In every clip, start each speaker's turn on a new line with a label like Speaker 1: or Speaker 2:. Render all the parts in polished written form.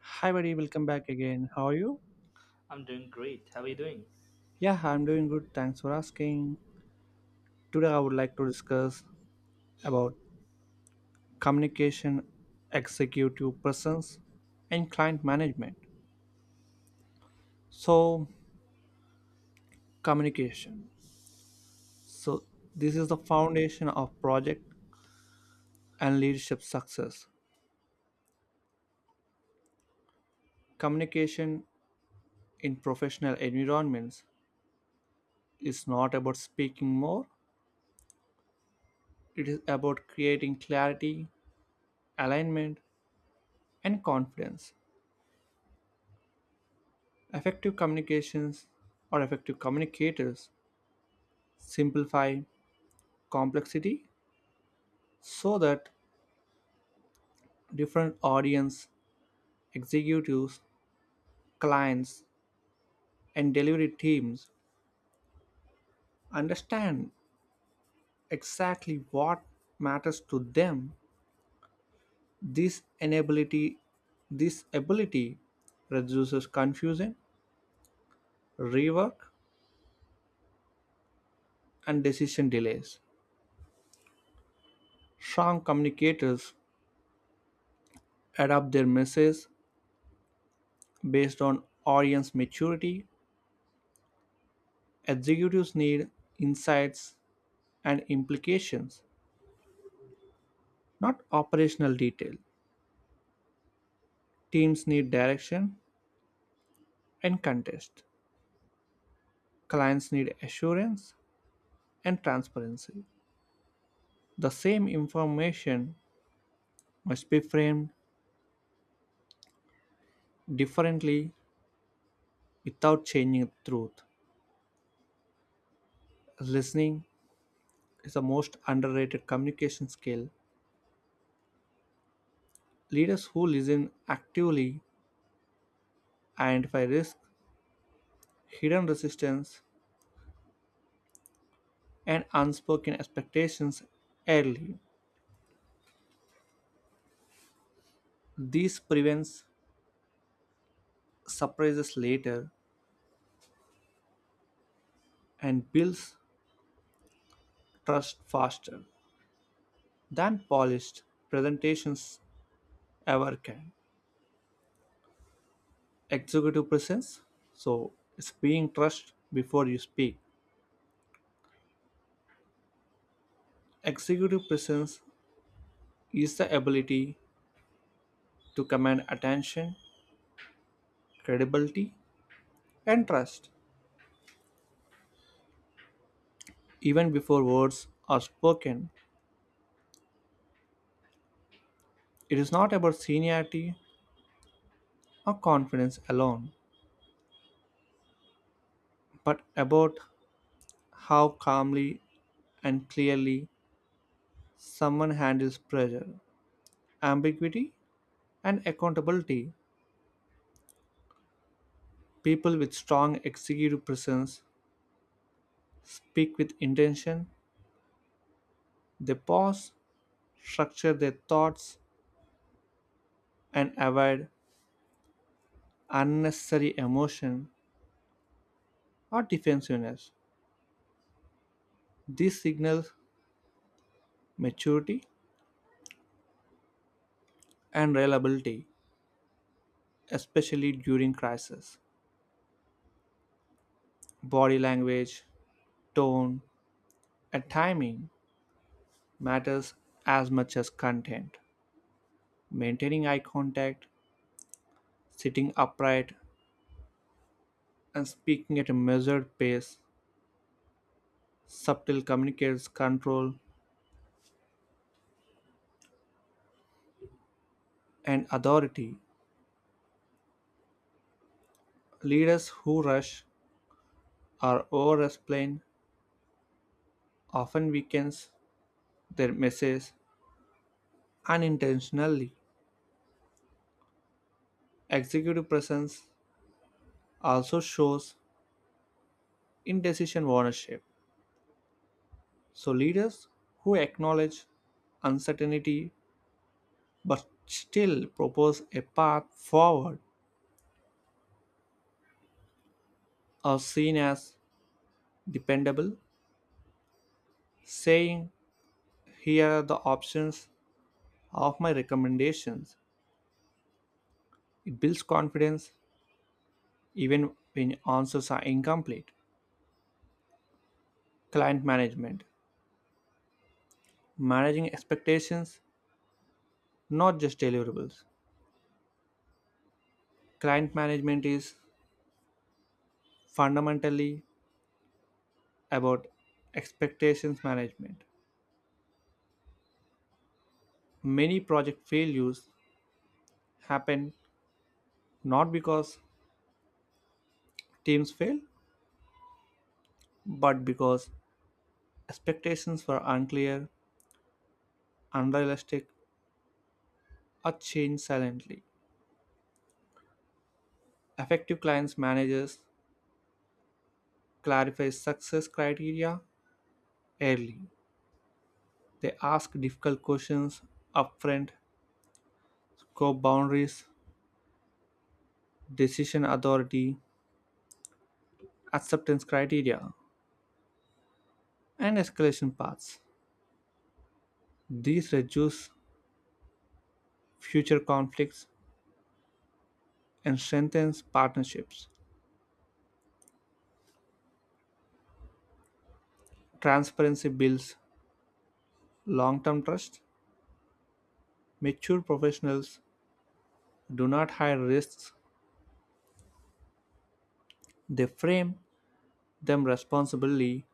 Speaker 1: Hi, buddy. Welcome back again. How are you?
Speaker 2: I'm doing great. How are you doing?
Speaker 1: Yeah, I'm doing good. Thanks for asking. Today, I would like to discuss about communication, executive presence, and client management. So, communication. So, this is the foundation of project and leadership success. Communication in professional environments is not about speaking more, it is about creating clarity, alignment, and confidence. Effective communications or effective communicators simplify complexity so that different audience, executives, clients, and delivery teams understand exactly what matters to them. This enability, this ability reduces confusion, rework, and decision delays. Strong communicators adapt their message based on audience maturity. Executives need insights and implications, not operational detail. Teams need direction and context. Clients need assurance and transparency. The same information must be framed differently without changing the truth. Listening is the most underrated communication skill. Leaders who listen actively identify risk, hidden resistance, and unspoken expectations early. This prevents surprises later and builds trust faster than polished presentations ever can. Executive presence, so it's being trust before you speak. Executive presence is the ability to command attention, credibility, and trust even before words are spoken. It is not about seniority or confidence alone, but about how calmly and clearly someone handles pressure, ambiguity, and accountability. People with strong executive presence speak with intention, they pause, structure their thoughts, and avoid unnecessary emotion or defensiveness. This signals maturity and reliability, especially during crisis. Body language, tone, and timing matters as much as content. Maintaining eye contact, sitting upright, and speaking at a measured pace, subtle, communicates control and authority. Leaders who rush or over explain often weakens their message unintentionally. Executive presence also shows in decision ownership. So, leaders who acknowledge uncertainty but still propose a path forward are seen as dependable, saying, "Here are the options of my recommendations." It builds confidence even when answers are incomplete. Client management, managing expectations, not just deliverables. Client management is fundamentally about expectations management. Many project failures happen not because teams fail, but because expectations were unclear, unrealistic, or changed silently. Effective clients managers clarify success criteria early. They ask difficult questions upfront, scope boundaries, decision authority, acceptance criteria, and escalation paths. These reduce future conflicts and strengthens partnerships. Transparency builds long-term trust. Mature professionals do not hide risks, they frame them responsibly.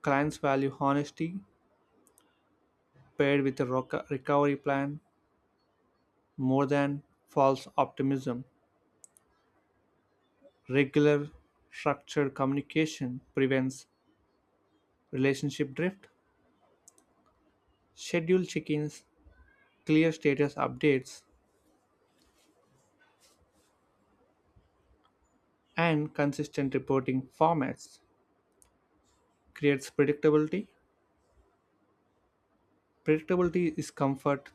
Speaker 1: Clients value honesty paired with a recovery plan. More than false optimism, regular, structured communication prevents relationship drift. Schedule check-ins, clear status updates, and consistent reporting formats creates predictability. Predictability is comfort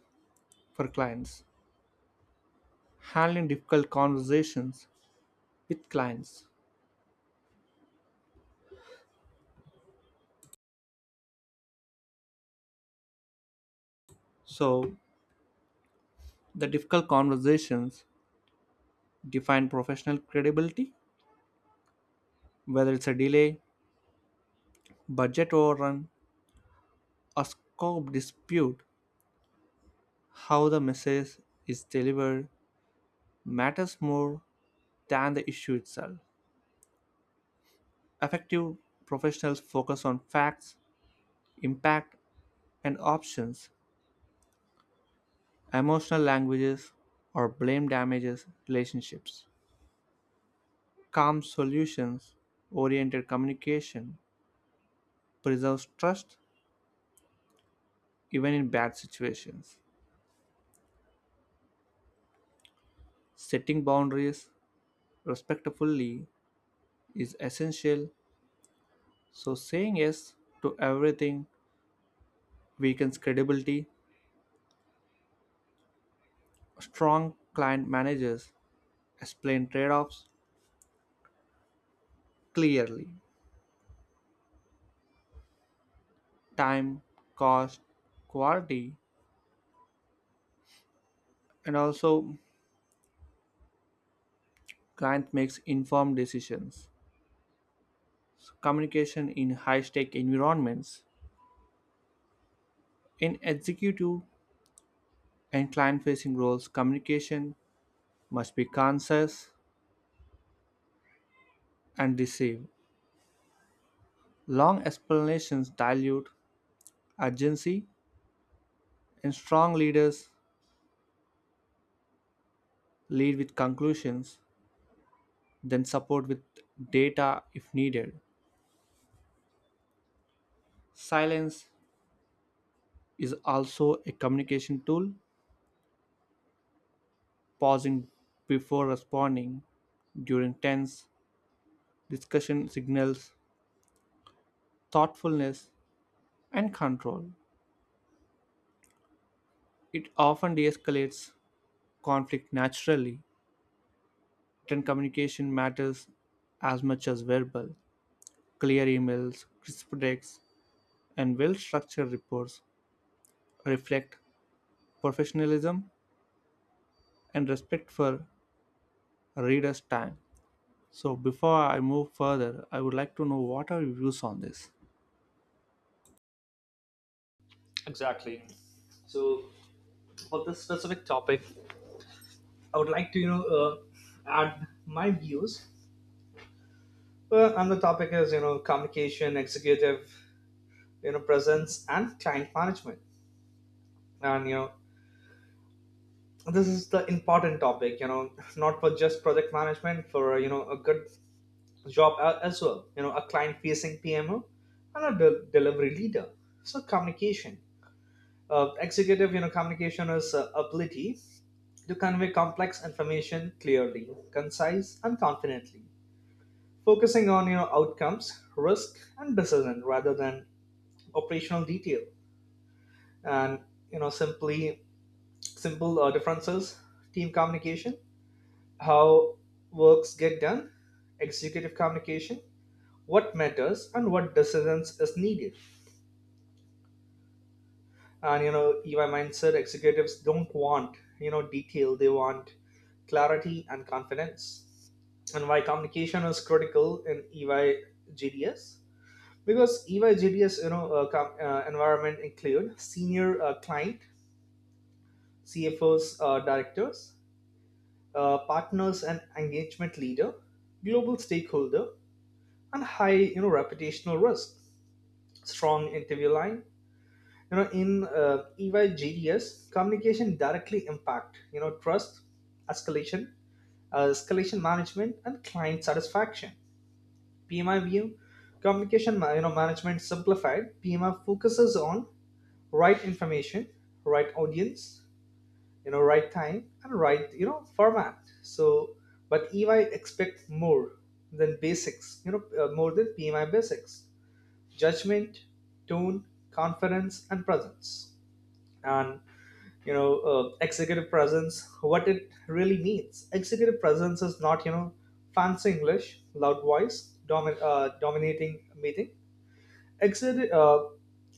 Speaker 1: for clients. Handling difficult conversations with clients. So, the difficult conversations define professional credibility, whether it's a delay, budget overrun, a scope dispute, how the message is delivered matters more than the issue itself. Effective professionals focus on facts, impact, and options. Emotional languages or blame damages relationships. Calm solutions oriented communication preserves trust even in bad situations. Setting boundaries respectfully is essential, so saying yes to everything weakens credibility. Strong client managers explain trade-offs clearly: time, cost, quality, and also client makes informed decisions. Communication in high-stake environments. In executive and client-facing roles, communication must be concise and decisive. Long explanations dilute urgency, and strong leaders lead with conclusions, then support with data if needed. Silence is also a communication tool. Pausing before responding during tense discussion signals thoughtfulness and control. It often de escalates conflict naturally. Written communication matters as much as verbal. Clear emails, crisp texts, and well structured reports reflect professionalism and respect for readers' time. So, before I move further, I would like to know what are your views on this?
Speaker 2: Exactly. So, for this specific topic, I would like to add my views. And the topic is, communication, executive, presence, and client management. And this is the important topic. Not for just project management, for a good job as well. A client-facing PMO and a delivery leader. So, communication. Executive, communication is ability to convey complex information clearly, concise, and confidently, focusing on your outcomes, risk, and decision rather than operational detail. And you know, simply simple differences: team communication, how works get done; executive communication, what matters, and what decisions is needed. And you know EY mindset: executives don't want detail, they want clarity and confidence. And why communication is critical in EY GDS, because EY GDS environment include senior client, CFOs, directors, partners, and engagement leader, global stakeholder, and high reputational risk. Strong interview line: in EYGDS communication directly impact trust, escalation escalation management, and client satisfaction. PMI view: communication management simplified. PMI focuses on right information, right audience, right time, and right, format. So but EY expect more than basics, more than PMI basics: judgment, tone, confidence, and presence. And executive presence, what it really means. Executive presence is not, fancy English, loud voice, dominating meeting. executive, uh,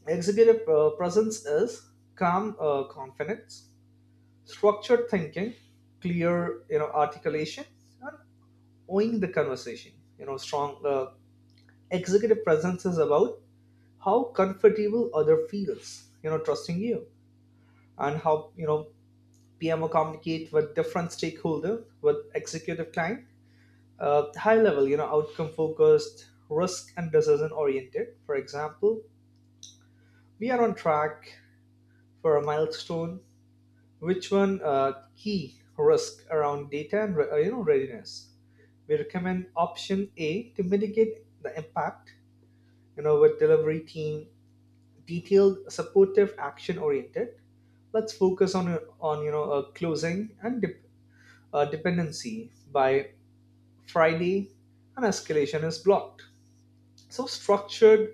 Speaker 2: executive uh, presence is calm confidence, structured thinking, clear articulation, and owning the conversation. Strong executive presence is about how comfortable other feels trusting you, and how you know PMO communicate with different stakeholders. With executive client: high level, outcome focused, risk and decision oriented. For example, we are on track for a milestone. Which one key risk around data and readiness? We recommend option A to mitigate the impact. With delivery team: detailed, supportive, action oriented. Let's focus on closing and dependency by Friday, and escalation is blocked. So structured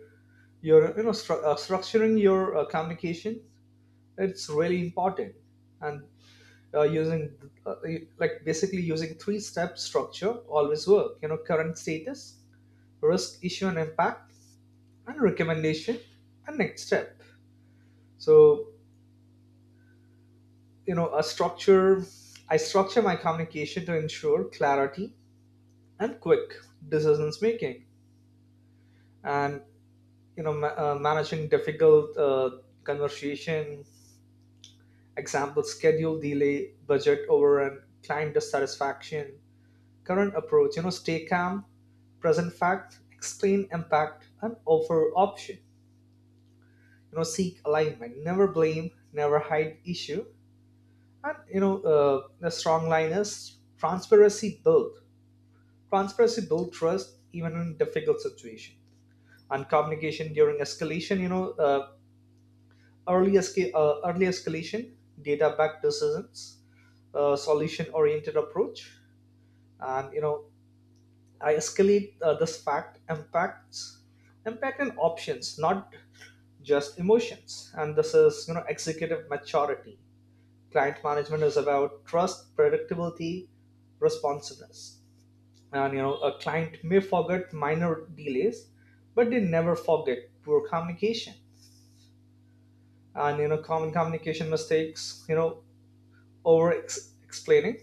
Speaker 2: your you know stru- structuring your communication, it's really important. And using uh, like basically using three step structure always work: current status, risk, issue and impact, and recommendation, and next step. So you know a structure I structure my communication to ensure clarity and quick decisions making. And managing difficult conversation: example, schedule delay, budget overrun, client dissatisfaction. Current approach: stay calm, present fact, explain impact, and offer option, seek alignment, never blame, never hide issue. And the strong line is: transparency build trust even in difficult situation. And communication during escalation, early escalation, data-backed decisions, solution-oriented approach. And I escalate this fact impact and options, not just emotions. And this is executive maturity. Client management is about trust, predictability, responsiveness. And a client may forget minor delays, but they never forget poor communication. And common communication mistakes: over explaining,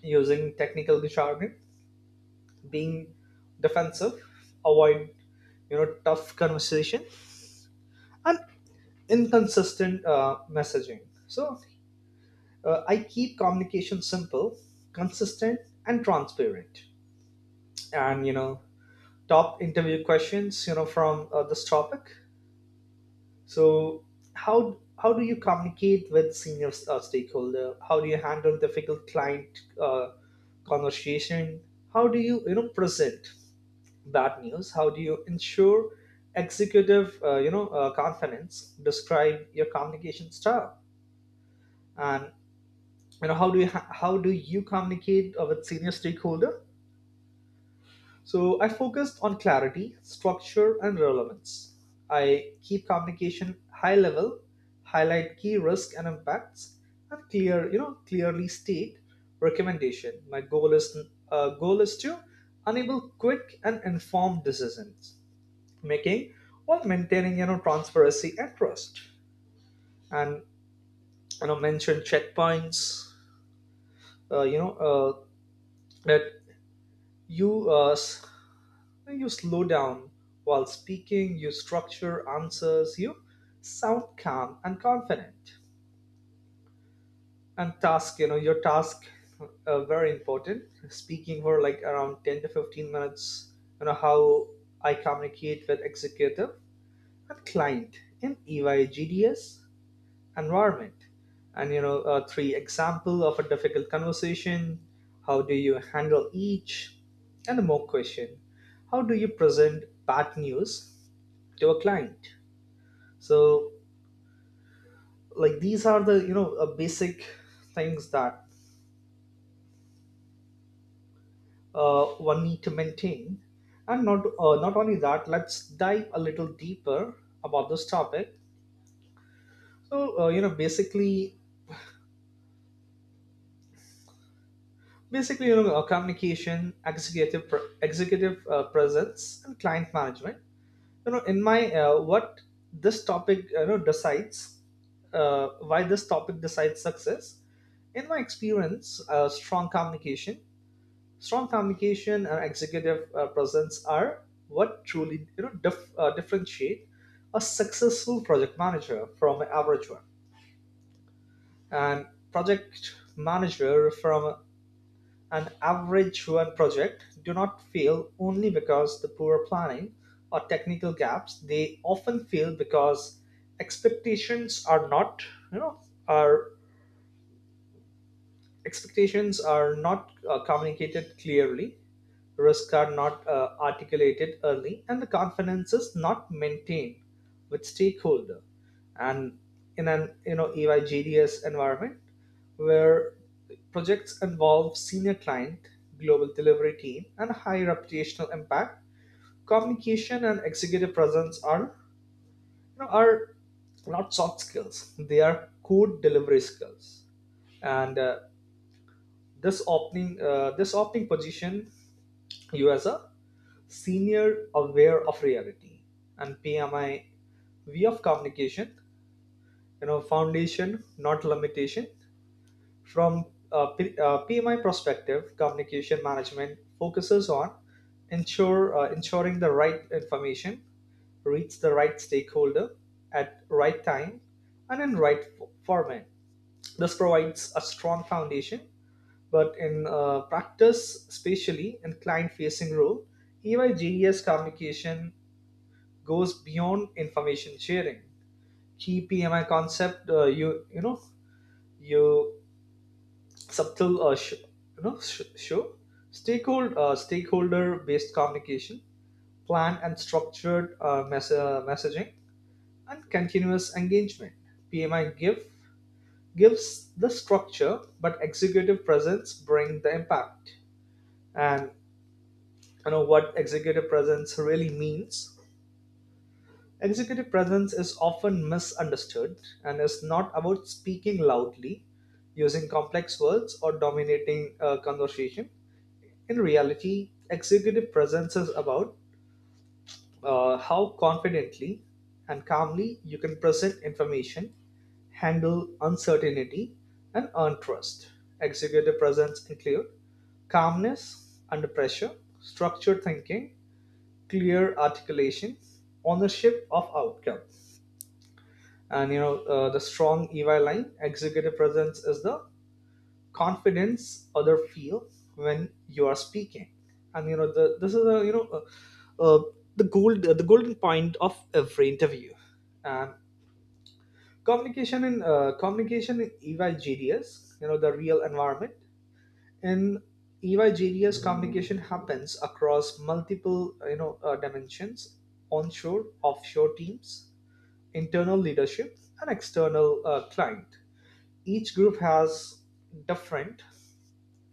Speaker 2: using technical jargon, being defensive, avoid tough conversation, and inconsistent messaging. So I keep communication simple, consistent, and transparent. And top interview questions from this topic. So how do you communicate with senior stakeholder? How do you handle difficult client conversation? How do you you know present bad news? How do you ensure executive confidence? Describe your communication style. And how do you communicate with senior stakeholder? So I focused on clarity, structure, and relevance. I keep communication high level, highlight key risk and impacts, and clearly state recommendation. My goal is to enable quick and informed decisions making while maintaining transparency and trust. And mention checkpoints. Uh, you know uh, that you uh, You slow down while speaking, you structure answers, you sound calm and confident. And your task, very important. Speaking for like around 10 to 15 minutes, how I communicate with executive and client in EY GDS environment. And three example of a difficult conversation, how do you handle each, and a mock question. How do you present bad news to a client? So, these are the basic things that uh, one need to maintain. And not only that, let's dive a little deeper about this topic. So basically, communication, executive presence, and client management. You know in my what this topic you know decides why this topic decides success. In my experience strong communication and executive presence are what truly differentiate a successful project manager from an average one. And project manager from an average one project do not fail only because the poor planning or technical gaps. They often fail because expectations are not you know are expectations are not communicated clearly, risks are not articulated early, and the confidence is not maintained with stakeholder. And in an, EYGDS environment where projects involve senior client, global delivery team, and high reputational impact, communication and executive presence are you know are not soft skills; they are core delivery skills. And this opening position, you as a senior aware of reality and PMI way of communication, foundation not limitation. From a PMI perspective, communication management focuses on ensure ensuring the right information reach the right stakeholder at right time and in right format. This provides a strong foundation, but in practice, especially in client facing role, EYGES communication goes beyond information sharing. Key PMI concept: you you know, you subtle sh- you know sh- show stakeholder based communication, planned and structured messaging, and continuous engagement. PMI gives the structure, but executive presence bring the impact. And what executive presence really means: executive presence is often misunderstood and is not about speaking loudly, using complex words or dominating a conversation. In reality, executive presence is about how confidently and calmly you can present information, handle uncertainty, and earn trust. Executive presence include calmness under pressure, structured thinking, clear articulation, ownership of outcomes. And the strong EY line: executive presence is the confidence other feel when you are speaking. And this is a uh, uh, the golden point of every interview. And communication in EY GDS, the real environment. In EYGDS, communication happens across multiple dimensions: onshore, offshore teams, internal leadership, and external client. Each group has different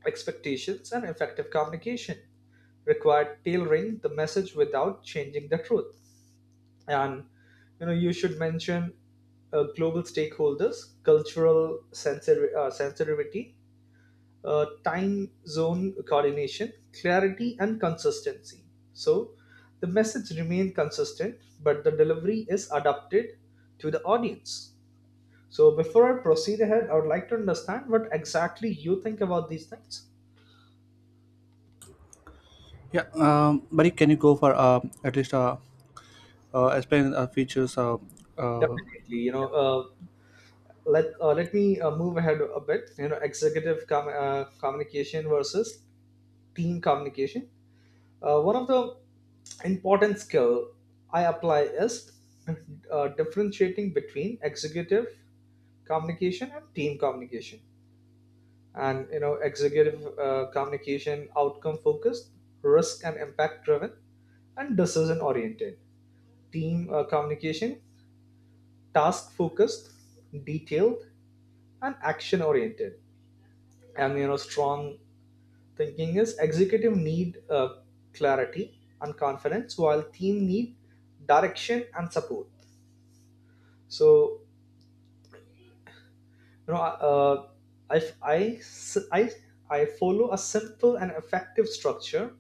Speaker 2: expectations, and effective communication required tailoring the message without changing the truth. And you should mention global stakeholders, cultural sensor sensitivity, time zone coordination, clarity, and consistency. So the message remains consistent, but the delivery is adapted to the audience. So before I proceed ahead, I would like to understand what exactly you think about these things.
Speaker 1: Yeah, Barik, can you go for at least explain features? Uh,
Speaker 2: Definitely. Let me move ahead a bit. Executive communication versus team communication. One of the important skill I apply is differentiating between executive communication and team communication. And executive communication: outcome focused, risk and impact driven, and decision oriented. Team communication: task focused, detailed, and action oriented. And strong thinking is: executive need clarity and confidence while team need direction and support. So you know uh, I, I, I, I follow a simple and effective structure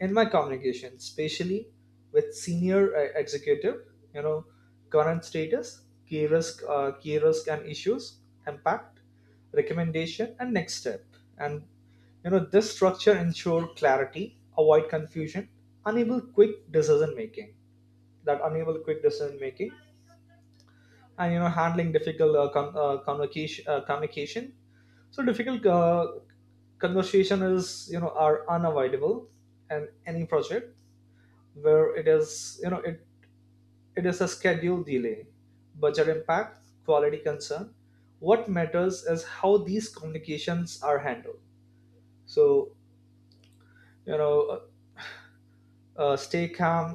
Speaker 2: in my communication, especially with senior executive. you know Current status, key risk and issues, impact, recommendation, and next step. And this structure ensure clarity, avoid confusion, enable quick decision making enable quick decision making. And handling difficult communication. So difficult conversation is you know are unavoidable, and any project, where it is you know it, it is a schedule delay, budget impact, quality concern, what matters is how these communications are handled. So you know uh, stay calm,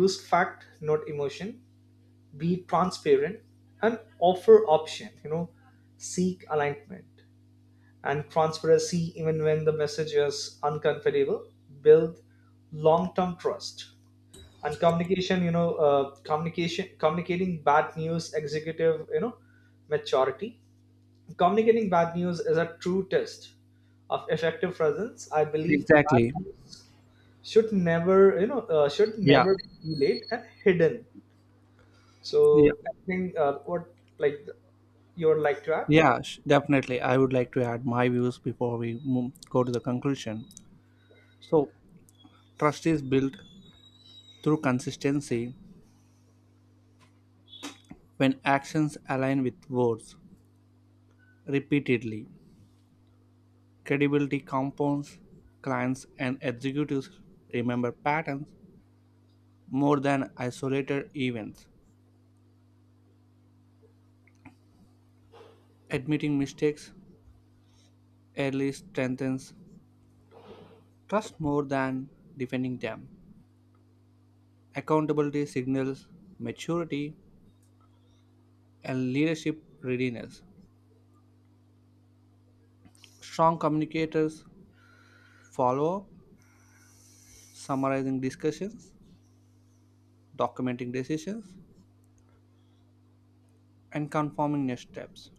Speaker 2: use fact not emotion, be transparent, and offer option, seek alignment and transparency. Even when the message is uncomfortable, build long-term trust. And communication you know communication communicating bad news: executive maturity. Communicating bad news is a true test of effective presence. I believe bad
Speaker 1: exactly.
Speaker 2: news should
Speaker 1: Yeah,
Speaker 2: never be delayed and hidden. So
Speaker 1: yeah,
Speaker 2: I think, what like you would like to add?
Speaker 1: yeah. Definitely, I would like to add my views before we go to the conclusion. So, trust is built through consistency when actions align with words repeatedly. Credibility compounds. Clients and executives remember patterns more than isolated events. Admitting mistakes early strengthens trust more than defending them. Accountability signals maturity and leadership readiness. Strong communicators follow up, summarizing discussions, documenting decisions, and confirming next steps.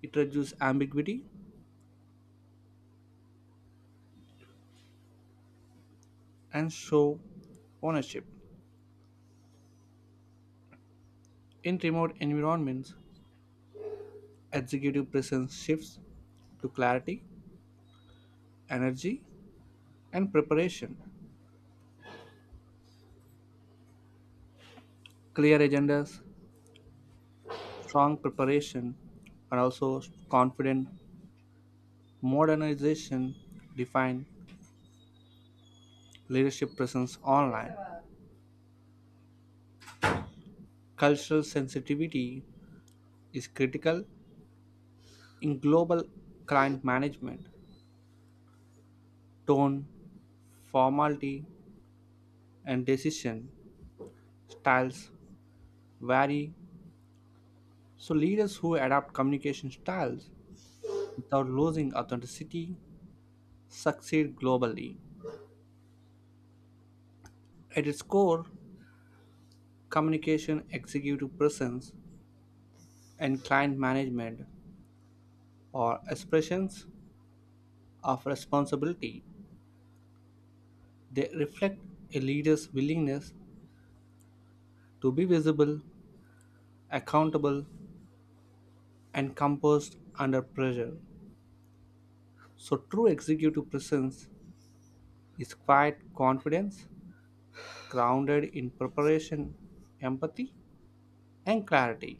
Speaker 1: It reduces ambiguity and show ownership. In remote environments, executive presence shifts to clarity, energy, and preparation. Clear agendas, strong preparation, and also confident modernization defined leadership presence online. Cultural sensitivity is critical in global client management. Tone, formality, and decision styles vary, so leaders who adapt communication styles without losing authenticity succeed globally. At its core, communication, executive presence, and client management are expressions of responsibility. They reflect a leader's willingness to be visible, accountable, and composed under pressure. So, true executive presence is quiet confidence, grounded in preparation, empathy, and clarity.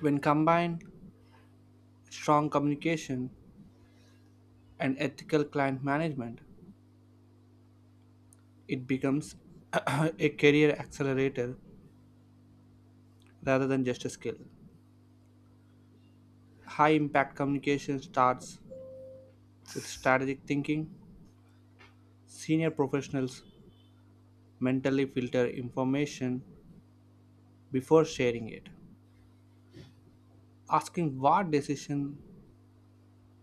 Speaker 1: When combined with strong communication and ethical client management, it becomes a career accelerator rather than just a skill. High impact communication starts with strategic thinking. Senior professionals mentally filter information before sharing it, asking what decision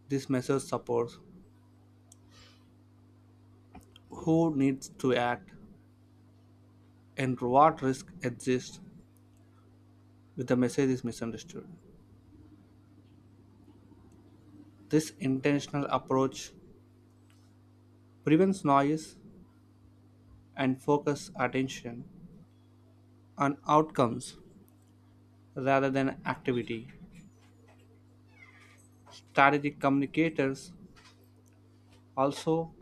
Speaker 1: this message supports, who needs to act, and what risk exists if the message is misunderstood. This intentional approach prevents noise and focuses attention on outcomes rather than activity. Strategic communicators also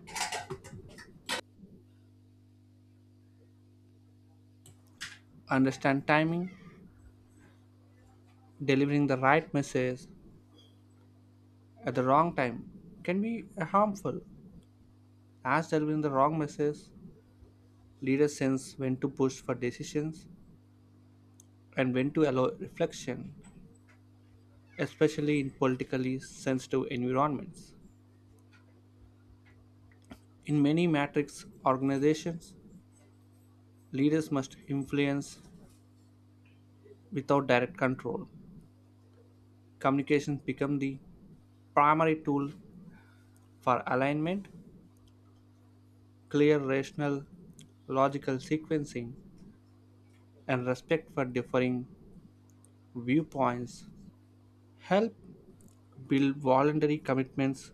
Speaker 1: understand timing, delivering the right message at the wrong time can be harmful as delivering the wrong message. Leaders sense when to push for decisions and when to allow reflection, especially in politically sensitive environments. In many matrix organizations, leaders must influence without direct control. Communications become the primary tool for alignment, clear, rational, logical sequencing, and respect for differing viewpoints help build voluntary commitments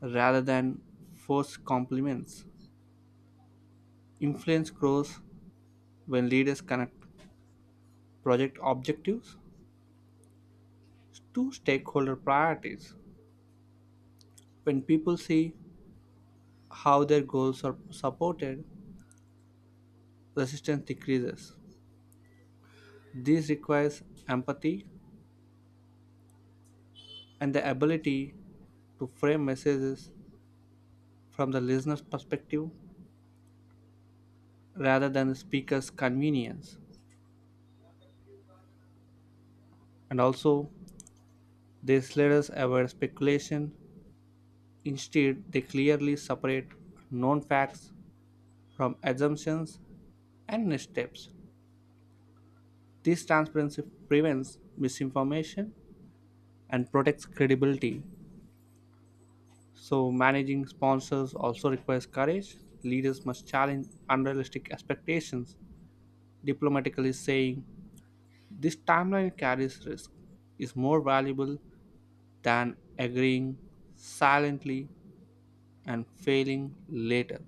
Speaker 1: rather than forced compliments. Influence grows when leaders connect project objectives to stakeholder priorities. When people see how their goals are supported, resistance decreases. This requires empathy and the ability to frame messages from the listener's perspective rather than the speaker's convenience. And also, these leaders avoid speculation. Instead, they clearly separate known facts from assumptions and missteps. This transparency prevents misinformation and protects credibility. So, managing sponsors also requires courage. Leaders must challenge unrealistic expectations, diplomatically saying, "This timeline carries risk," is more valuable than agreeing silently and failing later.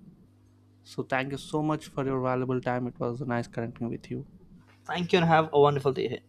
Speaker 1: So, thank you so much for your valuable time. It was nice connecting with you.
Speaker 2: Thank you and have a wonderful day ahead.